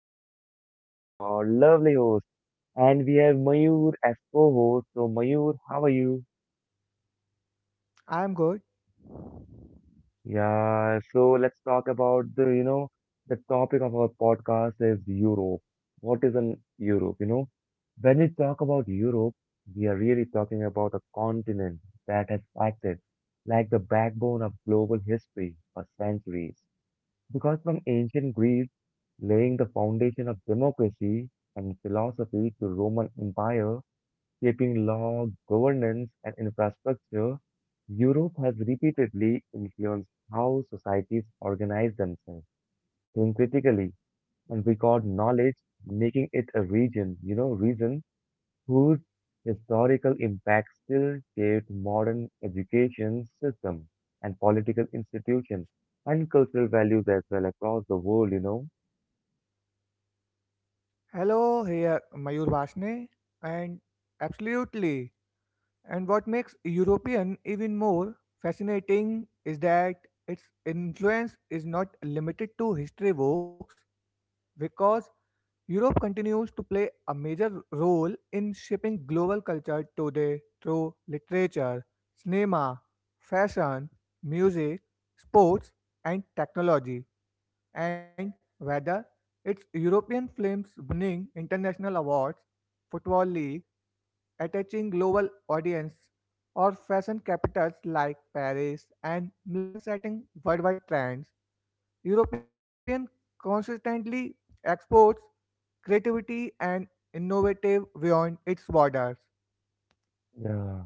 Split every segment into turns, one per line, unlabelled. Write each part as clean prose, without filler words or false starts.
name is Lalit, your lovely host, and we have Mayur as co-host. So, Mayur, how are you?
I'm good.
Yeah. So, let's talk about the topic of our podcast is Europe. What is an Europe? When we talk about Europe, we are really talking about a continent that has acted like the backbone of global history for centuries. Because from ancient Greece, laying the foundation of democracy and philosophy to Roman Empire, shaping law, governance, and infrastructure, Europe has repeatedly influenced how societies organize themselves, think critically, and record knowledge, making it a region, you know, reason whose historical impact still shaped modern education system and political institutions and cultural values as well across the world.
Hello, here Mayur Vasne. And absolutely. And what makes European even more fascinating is that its influence is not limited to history books because Europe continues to play a major role in shaping global culture today through literature, cinema, fashion, music, sports, and technology. And whether it's European films winning international awards, football league, attaching global audience, or fashion capitals like Paris and Milan setting worldwide trends, European consistently exports creativity and innovative beyond its borders.
Yeah,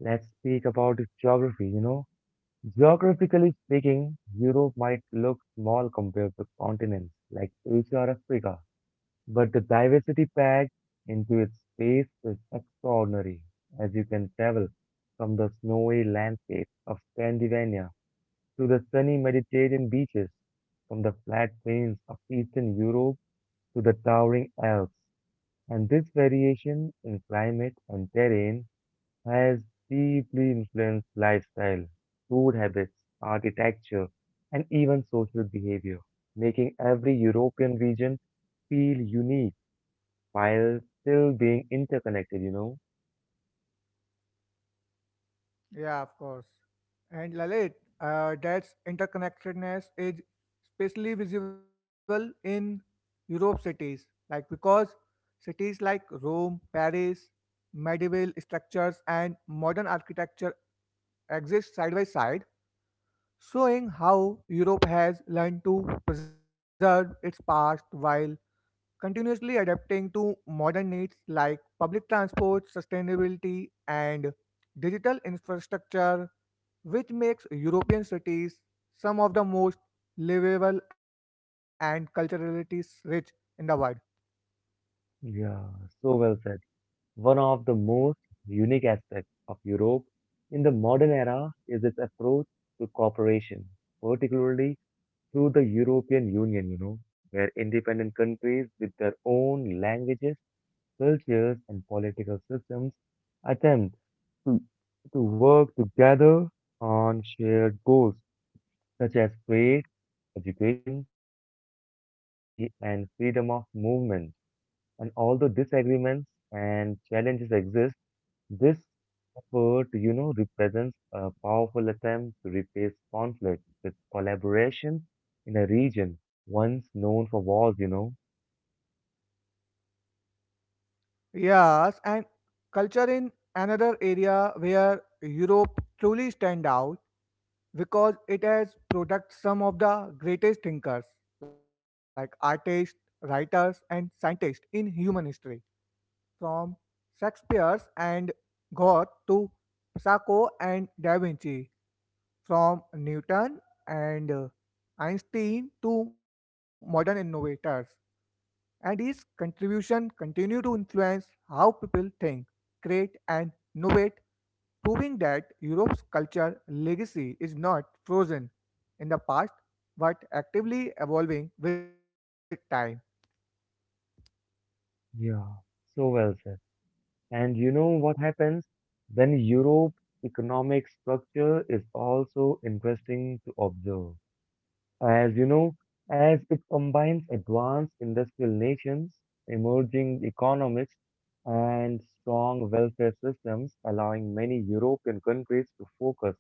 let's speak about geography. Geographically speaking, Europe might look small compared to continents like Asia or Africa, but the diversity packed into its space is extraordinary as you can travel from the snowy landscape of Scandinavia to the sunny Mediterranean beaches, from the flat plains of Eastern Europe to the towering Alps. And this variation in climate and terrain has deeply influenced lifestyle, food habits, architecture, and even social behavior, making every European region feel unique while still being interconnected?
Yeah, of course. And Lalit, that's interconnectedness is especially visible in Europe cities, like because cities like Rome, Paris, medieval structures and modern architecture exist side by side, showing how Europe has learned to preserve its past while continuously adapting to modern needs like public transport, sustainability, and digital infrastructure, which makes European cities some of the most livable and culturally rich in the world.
Yeah, so well said. One of the most unique aspects of Europe in the modern era is its approach to cooperation, particularly through the European Union, you know, where independent countries with their own languages, cultures, and political systems attempt to, to work together on shared goals such as trade, education, climate policy, and freedom of movement. And although disagreements and challenges exist, this effort, you know, represents a powerful attempt to replace conflict with collaboration in a region once known for wars.
Yes, and culture in another area where Europe truly stand out because it has produced some of the greatest thinkers like artists, writers, and scientists in human history from Shakespeare's and Goethe to Psycho and Da Vinci, from Newton and Einstein to modern innovators. And these contributions continue to influence how people think, create, and innovate, proving that Europe's culture legacy is not frozen in the past but actively evolving with time.
Yeah, so well said. And you know what happens when Europe's economic structure is also interesting to observe. As you know, as it combines advanced industrial nations, emerging economics, and strong welfare systems, allowing many European countries to focus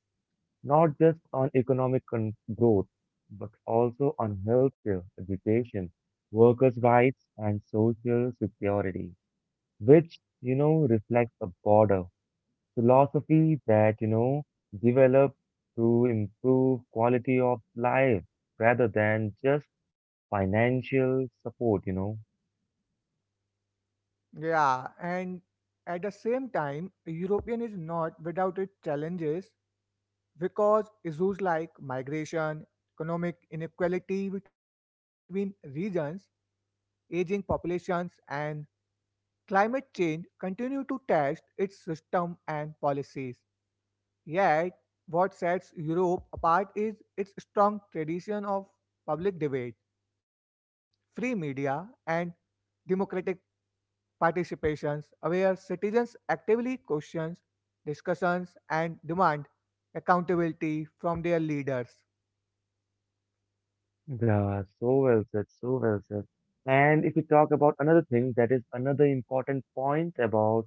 not just on economic con- growth, but also on healthcare, education, workers' rights, and social security, which, you know, reflects a border philosophy that, you know, develop to improve quality of life rather than just financial support.
Yeah, and at the same time, European is not without its challenges because issues like migration, economic inequality between regions, aging populations, and climate change continue to test its system and policies. Yet, what sets Europe apart is its strong tradition of public debate, free media, and democratic participations where citizens actively question discussions and demand accountability from their leaders.
Yeah, so well said, so well said. And if we talk about another thing, that is another important point about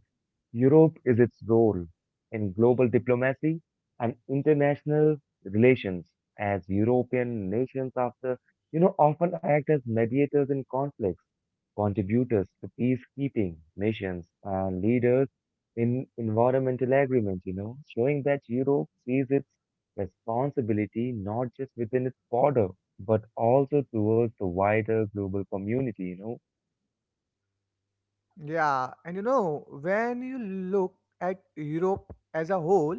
Europe is its role in global diplomacy and international relations as European nations after you know often act as mediators in conflicts, contributors to peacekeeping missions and leaders in environmental agreements, you know, showing that Europe sees its responsibility not just within its border, but also towards the wider global community.
Yeah, and you know, when you look at Europe as a whole,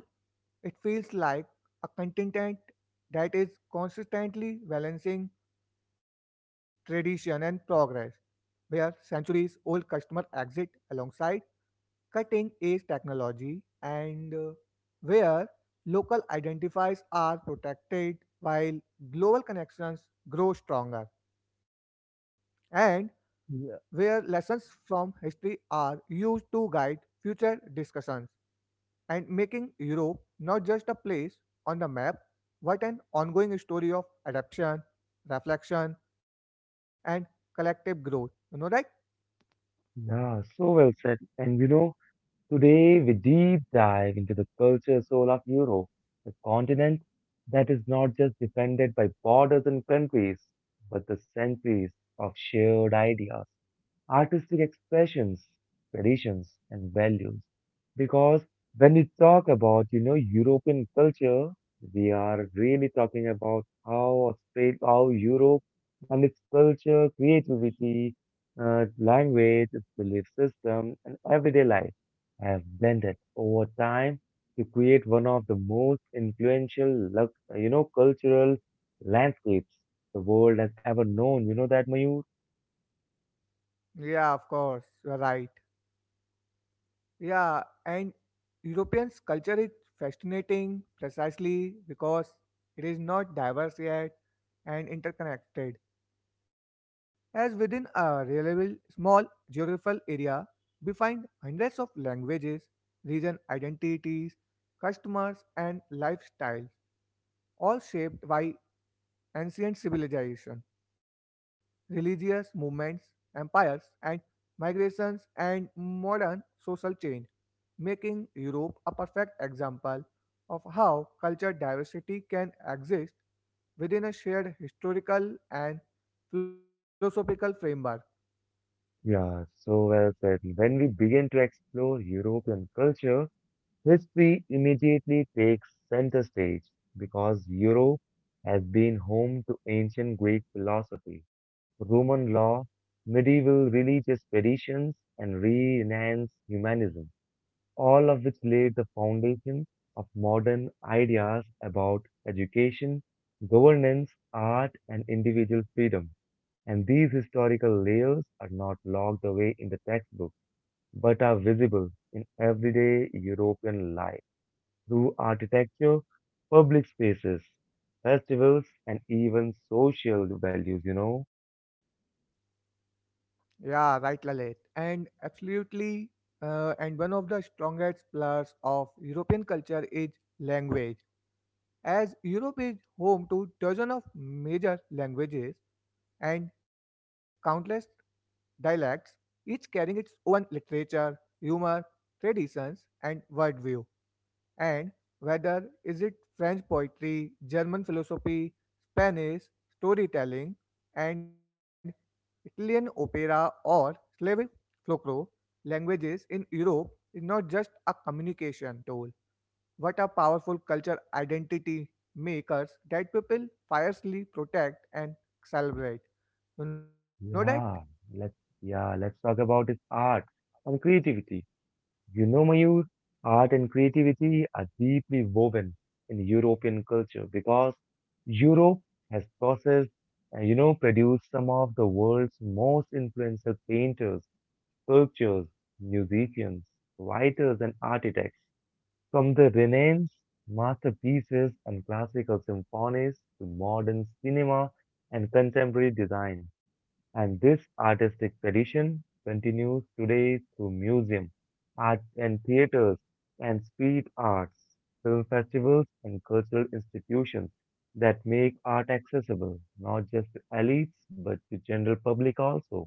it feels like a continent that is consistently balancing tradition and progress, where centuries old customer exit alongside cutting edge technology and where local identifiers are protected while global connections grow stronger. And where
Yeah.
lessons from history are used to guide future discussions and making Europe not just a place on the map but an ongoing story of adaptation, reflection, and collective growth. You know, right?
Yeah, so well said. And you know, today, we deep dive into the culture soul of Europe, the continent that is not just defended by borders and countries, but the centuries of shared ideas, artistic expressions, traditions, and values. Because when we talk about, you know, European culture, we are really talking about how Australia, how Europe and its culture, creativity, language, its belief system, and everyday life have blended over time to create one of the most influential, lux- you know, cultural landscapes the world has ever known. You know that, Mayur?
Yeah, of course, you're right. Yeah, and Europeans' culture is fascinating precisely because it is not diverse yet and interconnected. As within a relatively small geographical area, we find hundreds of languages, region identities, customers, and lifestyles all shaped by ancient civilization, religious movements, empires, and migrations and modern social change, making Europe a perfect example of how cultural diversity can exist within a shared historical and philosophical framework.
Yeah, so well said. When we begin to explore European culture, history immediately takes center stage because Europe has been home to ancient Greek philosophy, Roman law, medieval religious traditions, and Renaissance humanism, all of which laid the foundation of modern ideas about education, governance, art, and individual freedom. And these historical layers are not locked away in the textbook, but are visible in everyday European life through architecture, public spaces, festivals, and even social values, you know?
Yeah, right, Lalit. And absolutely, and one of the strongest pillars of European culture is language. As Europe is home to dozens of major languages and countless dialects, each carrying its own literature, humor, traditions, and worldview and whether is it French poetry, German philosophy, Spanish storytelling, and Italian opera, or Slavic folklore, languages in Europe is not just a communication tool what a powerful culture identity makers that people fiercely protect and celebrate. You know that?
Yeah, let's, yeah, let's talk about its art and creativity. You know, Mayur, art and creativity are deeply woven in European culture because Europe has processed and, you know, produced some of the world's most influential painters, sculptors, musicians, writers, and architects. From the Renaissance masterpieces and classical symphonies to modern cinema and contemporary design. And this artistic tradition continues today through museums, art and theaters, and street arts, film festivals, and cultural institutions that make art accessible, not just to elites, but to general public also.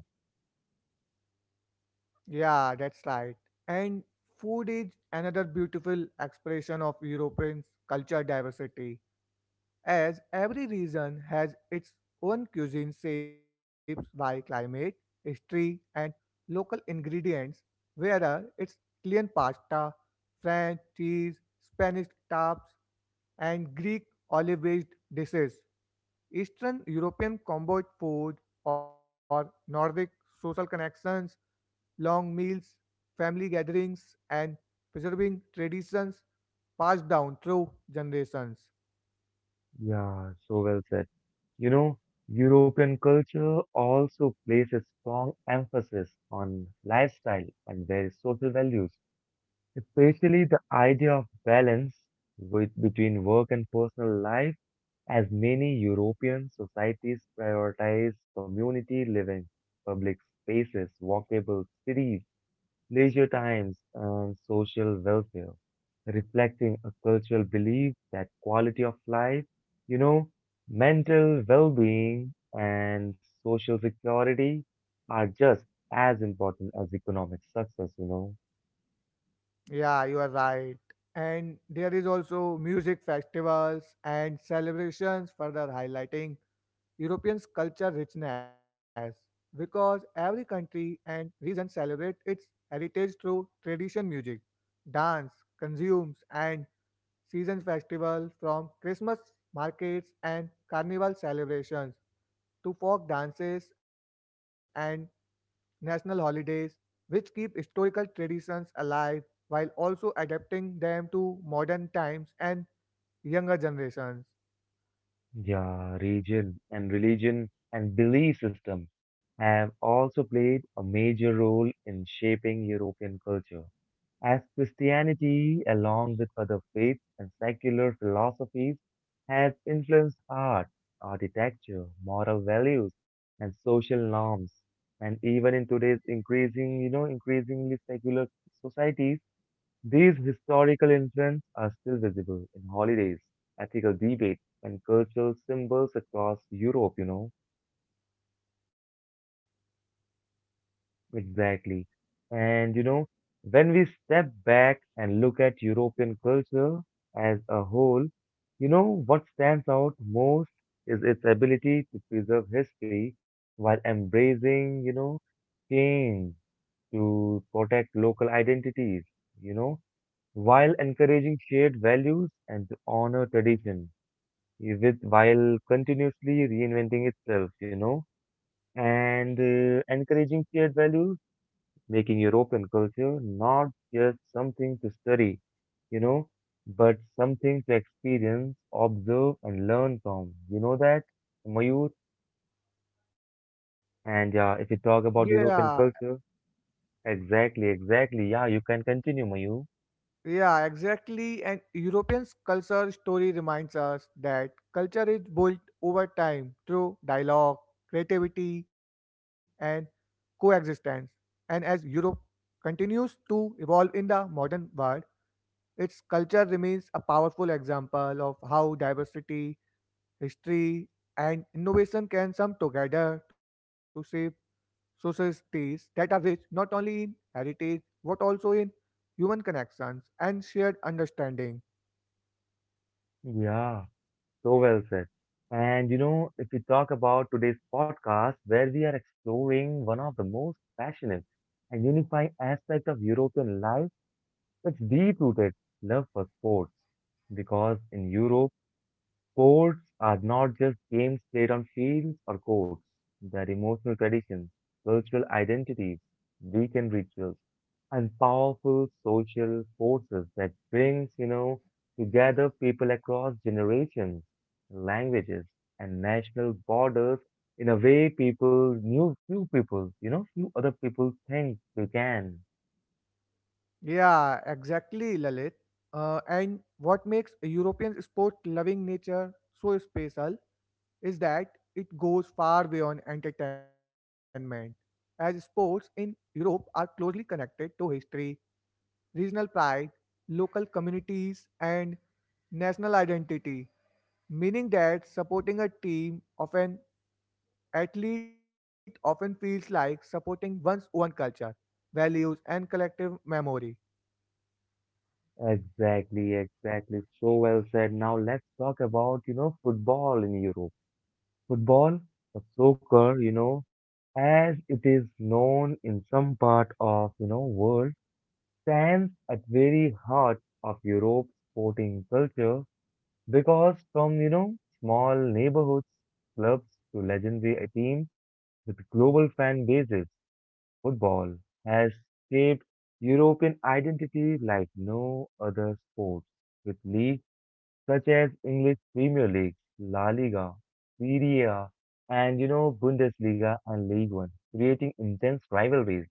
Yeah, that's right. And food is another beautiful expression of European culture diversity as every region has its own cuisine shaped by climate, history, and local ingredients, whether it's Italian pasta, French cheese, Spanish taps, and Greek olive based dishes, Eastern European combo food, or Nordic social connections, long meals, family gatherings, and preserving traditions passed down through generations.
Yeah, so well said. You know, European culture also places strong emphasis on lifestyle and their social values. Especially the idea of balance with, between work and personal life, as many European societies prioritize community living, public spaces, walkable cities, leisure times, and social welfare, reflecting a cultural belief that quality of life, you know, mental well being, and social security are just as important as economic success.
Yeah, you are right. And there is also music festivals and celebrations further highlighting Europeans' culture richness because every country and region celebrate its heritage through tradition music, dance, consumes and season festivals from Christmas markets and carnival celebrations to folk dances and national holidays which keep historical traditions alive while also adapting them to modern times and younger generations.
Yeah, region and religion and belief system have also played a major role in shaping European culture. As Christianity, along with other faiths and secular philosophies, has influenced art, architecture, moral values, and social norms. And even in today's increasing, you know, increasingly secular societies, these historical influences are still visible in holidays, ethical debates, and cultural symbols across Europe. Exactly. And, you know, when we step back and look at European culture as a whole, you know, what stands out most is its ability to preserve history while embracing, you know, change to protect local identities, you know, while encouraging shared values and to honor tradition. With while continuously reinventing itself, you know, and encouraging shared values, making European culture not just something to study, you know, but something to experience, observe, and learn from. You know that, Mayur? And yeah, if you talk
Yeah,
about European culture, exactly, exactly. Yeah, you can continue, Mayur.
yeah, exactly. And European's culture story reminds us that culture is built over time through dialogue, creativity, and coexistence. And as Europe continues to evolve in the modern world, its culture remains a powerful example of how diversity, history, and innovation can come together to shape societies that are rich not only in heritage but also in human connections and shared understanding.
Yeah. So well said. And you know, if we talk about today's podcast, where we are exploring one of the most passionate and unifying aspects of European life, that's deep-rooted love for sports. Because in Europe, sports are not just games played on fields or courts. They're emotional traditions, cultural identities, weekend rituals, and powerful social forces that brings, you know, together people across generations, languages, and national borders in a way people, new few people, you know, few other people think they can.
Yeah, exactly, Lalit. And what makes a European sport loving nature so special is that it goes far beyond entertainment, as sports in Europe are closely connected to history, regional pride, local communities, and national identity, meaning that supporting a team of an athlete often feels like supporting one's own culture, values, and collective memory.
Exactly, exactly. So well said. Now let's talk about, you know, football in Europe. Football, or soccer, you know, as it is known in some part of, you know, world, stands at very heart of Europe's sporting culture because from, you know, small neighborhoods, clubs to legendary teams with global fan bases, football has shaped European identity like no other sport. With leagues such as English Premier League, La Liga, Serie A, and you know Bundesliga and League One, creating intense rivalries,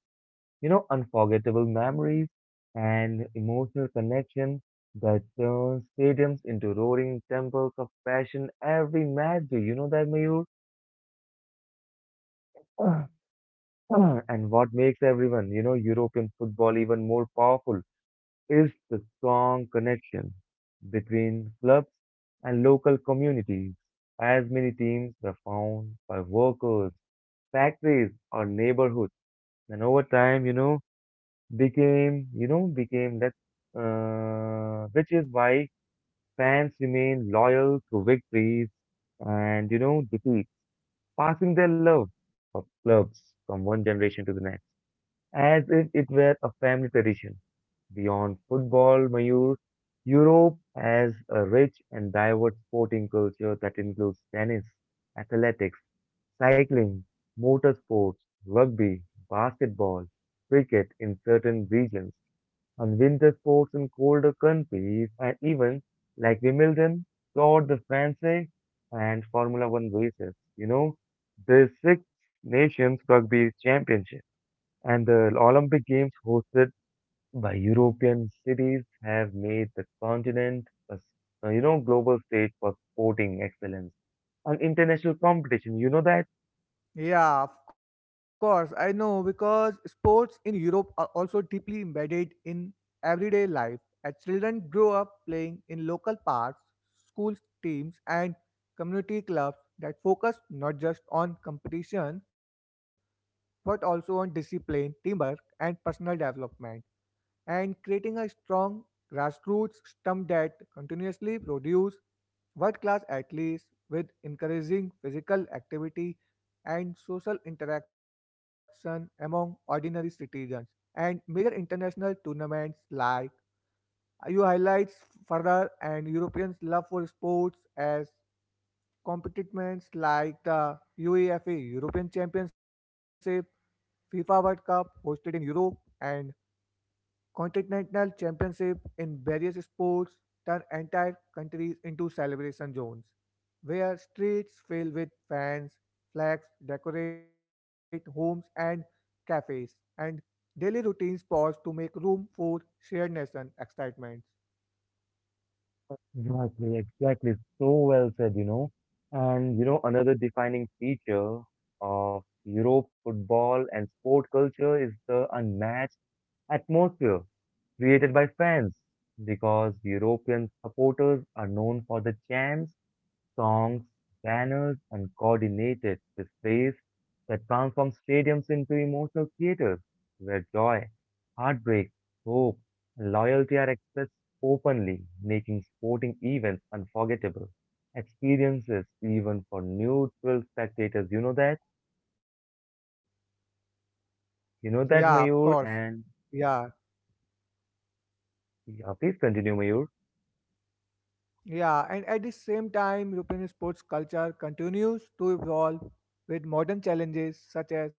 you know unforgettable memories and emotional connection that turns stadiums into roaring temples of passion every match. Do you know that, Mayur? And what makes everyone, you know, European football even more powerful is the strong connection between clubs and local communities, as many teams were found by workers, factories, or neighborhoods, and over time, you know, became that, which is why fans remain loyal through victories and, you know, defeat, passing their love of clubs from one generation to the next, as if it were a family tradition. Beyond football, Mayur, Europe has a rich and diverse sporting culture that includes tennis, athletics, cycling, motorsports, rugby, basketball, cricket in certain regions, and winter sports in colder countries, and even like Wimbledon, Tour de France, and Formula One races. You know, the Six Nations Rugby Championship and the Olympic Games hosted by European cities have made the continent a, s- you know, global stage for sporting excellence and international competition. You know that?
Yeah, of course. I know because sports in Europe are also deeply embedded in everyday life. As children grow up playing in local parks, school teams, and community clubs that focus not just on competition but also on discipline, teamwork, and personal development and creating a strong grassroots stump that continuously produce world-class athletes with encouraging physical activity and social interaction among ordinary citizens. And major international tournaments like you highlights further and Europeans' love for sports as competitions like the UEFA European Championship, FIFA World Cup hosted in Europe, and Continental championship in various sports turn entire countries into celebration zones, where streets fill with fans, flags decorate homes and cafes, and daily routines pause to make room for shared nation excitement.
Exactly, exactly. So well said, you know. And, you know, another defining feature of Europe football and sport culture is the unmatched atmosphere created by fans because European supporters are known for the chants songs, banners, and coordinated displays that transform stadiums into emotional theaters where joy, heartbreak, hope, and loyalty are expressed openly, making sporting events unforgettable experiences even for neutral spectators. You know that?
Yeah,
You
of
know that,
course.
Mayur? And
Yeah,
yeah, please continue, Mayur.
yeah. And at the same time, European sports culture continues to evolve with modern challenges such as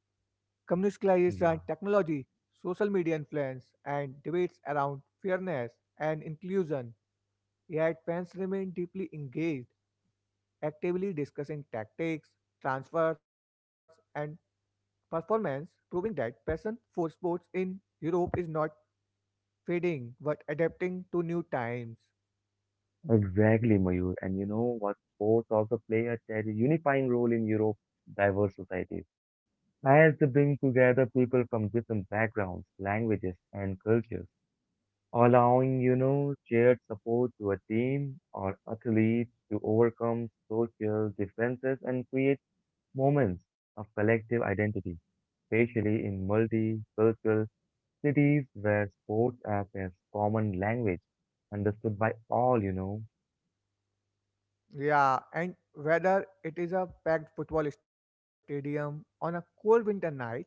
commercialization,
Yeah,
technology, social media influence, and debates around fairness and inclusion. Yet fans remain deeply engaged, actively discussing tactics, transfers, and performance, proving that passion for sports in Europe is not fading but adapting to new times.
exactly, Mayur. And you know what? Sports also play a ter- unifying role in Europe's diverse societies. As they bring together people from different backgrounds, languages, and cultures, allowing, you know, shared support to a team or athlete to overcome social differences and create moments of collective identity, especially in multicultural cities where sports act as common language understood by all, you know.
Yeah, and whether it is a packed football stadium on a cold winter night,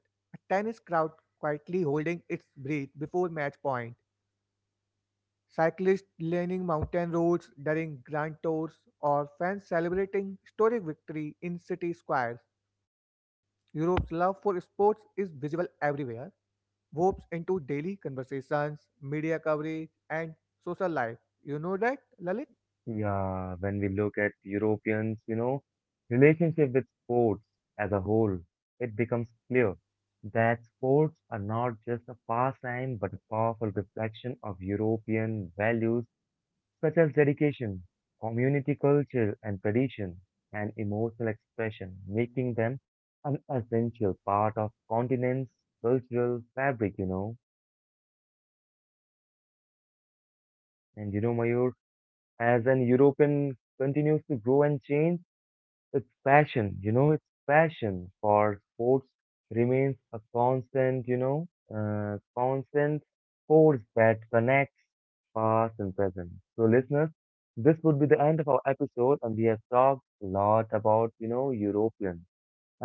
a tennis crowd quietly holding its breath before match point, cyclists lining mountain roads during grand tours, or fans celebrating historic victory in city squares, Europe's love for sports is visible everywhere, warps into daily conversations, media coverage, and social life. You know that, Lalit?
Yeah, when we look at Europeans, you know, relationship with sports as a whole, it becomes clear that sports are not just a pastime but a powerful reflection of European values such as dedication, community culture and tradition, and emotional expression, making them an essential part of continent's cultural fabric, you know. And you know, Mayur, as an European continues to grow and change, it's passion, you know, it's passion for sports remains a constant, you know, constant force that connects past and present. So, listeners, this would be the end of our episode, and we have talked a lot about, you know, European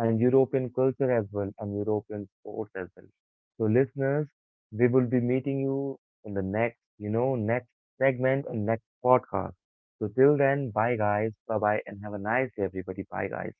and European culture as well, and European sports as well. So, listeners, we will be meeting you in the next, you know, next segment and next podcast. So, till then, bye guys, bye bye, and have a nice day, everybody. Bye guys.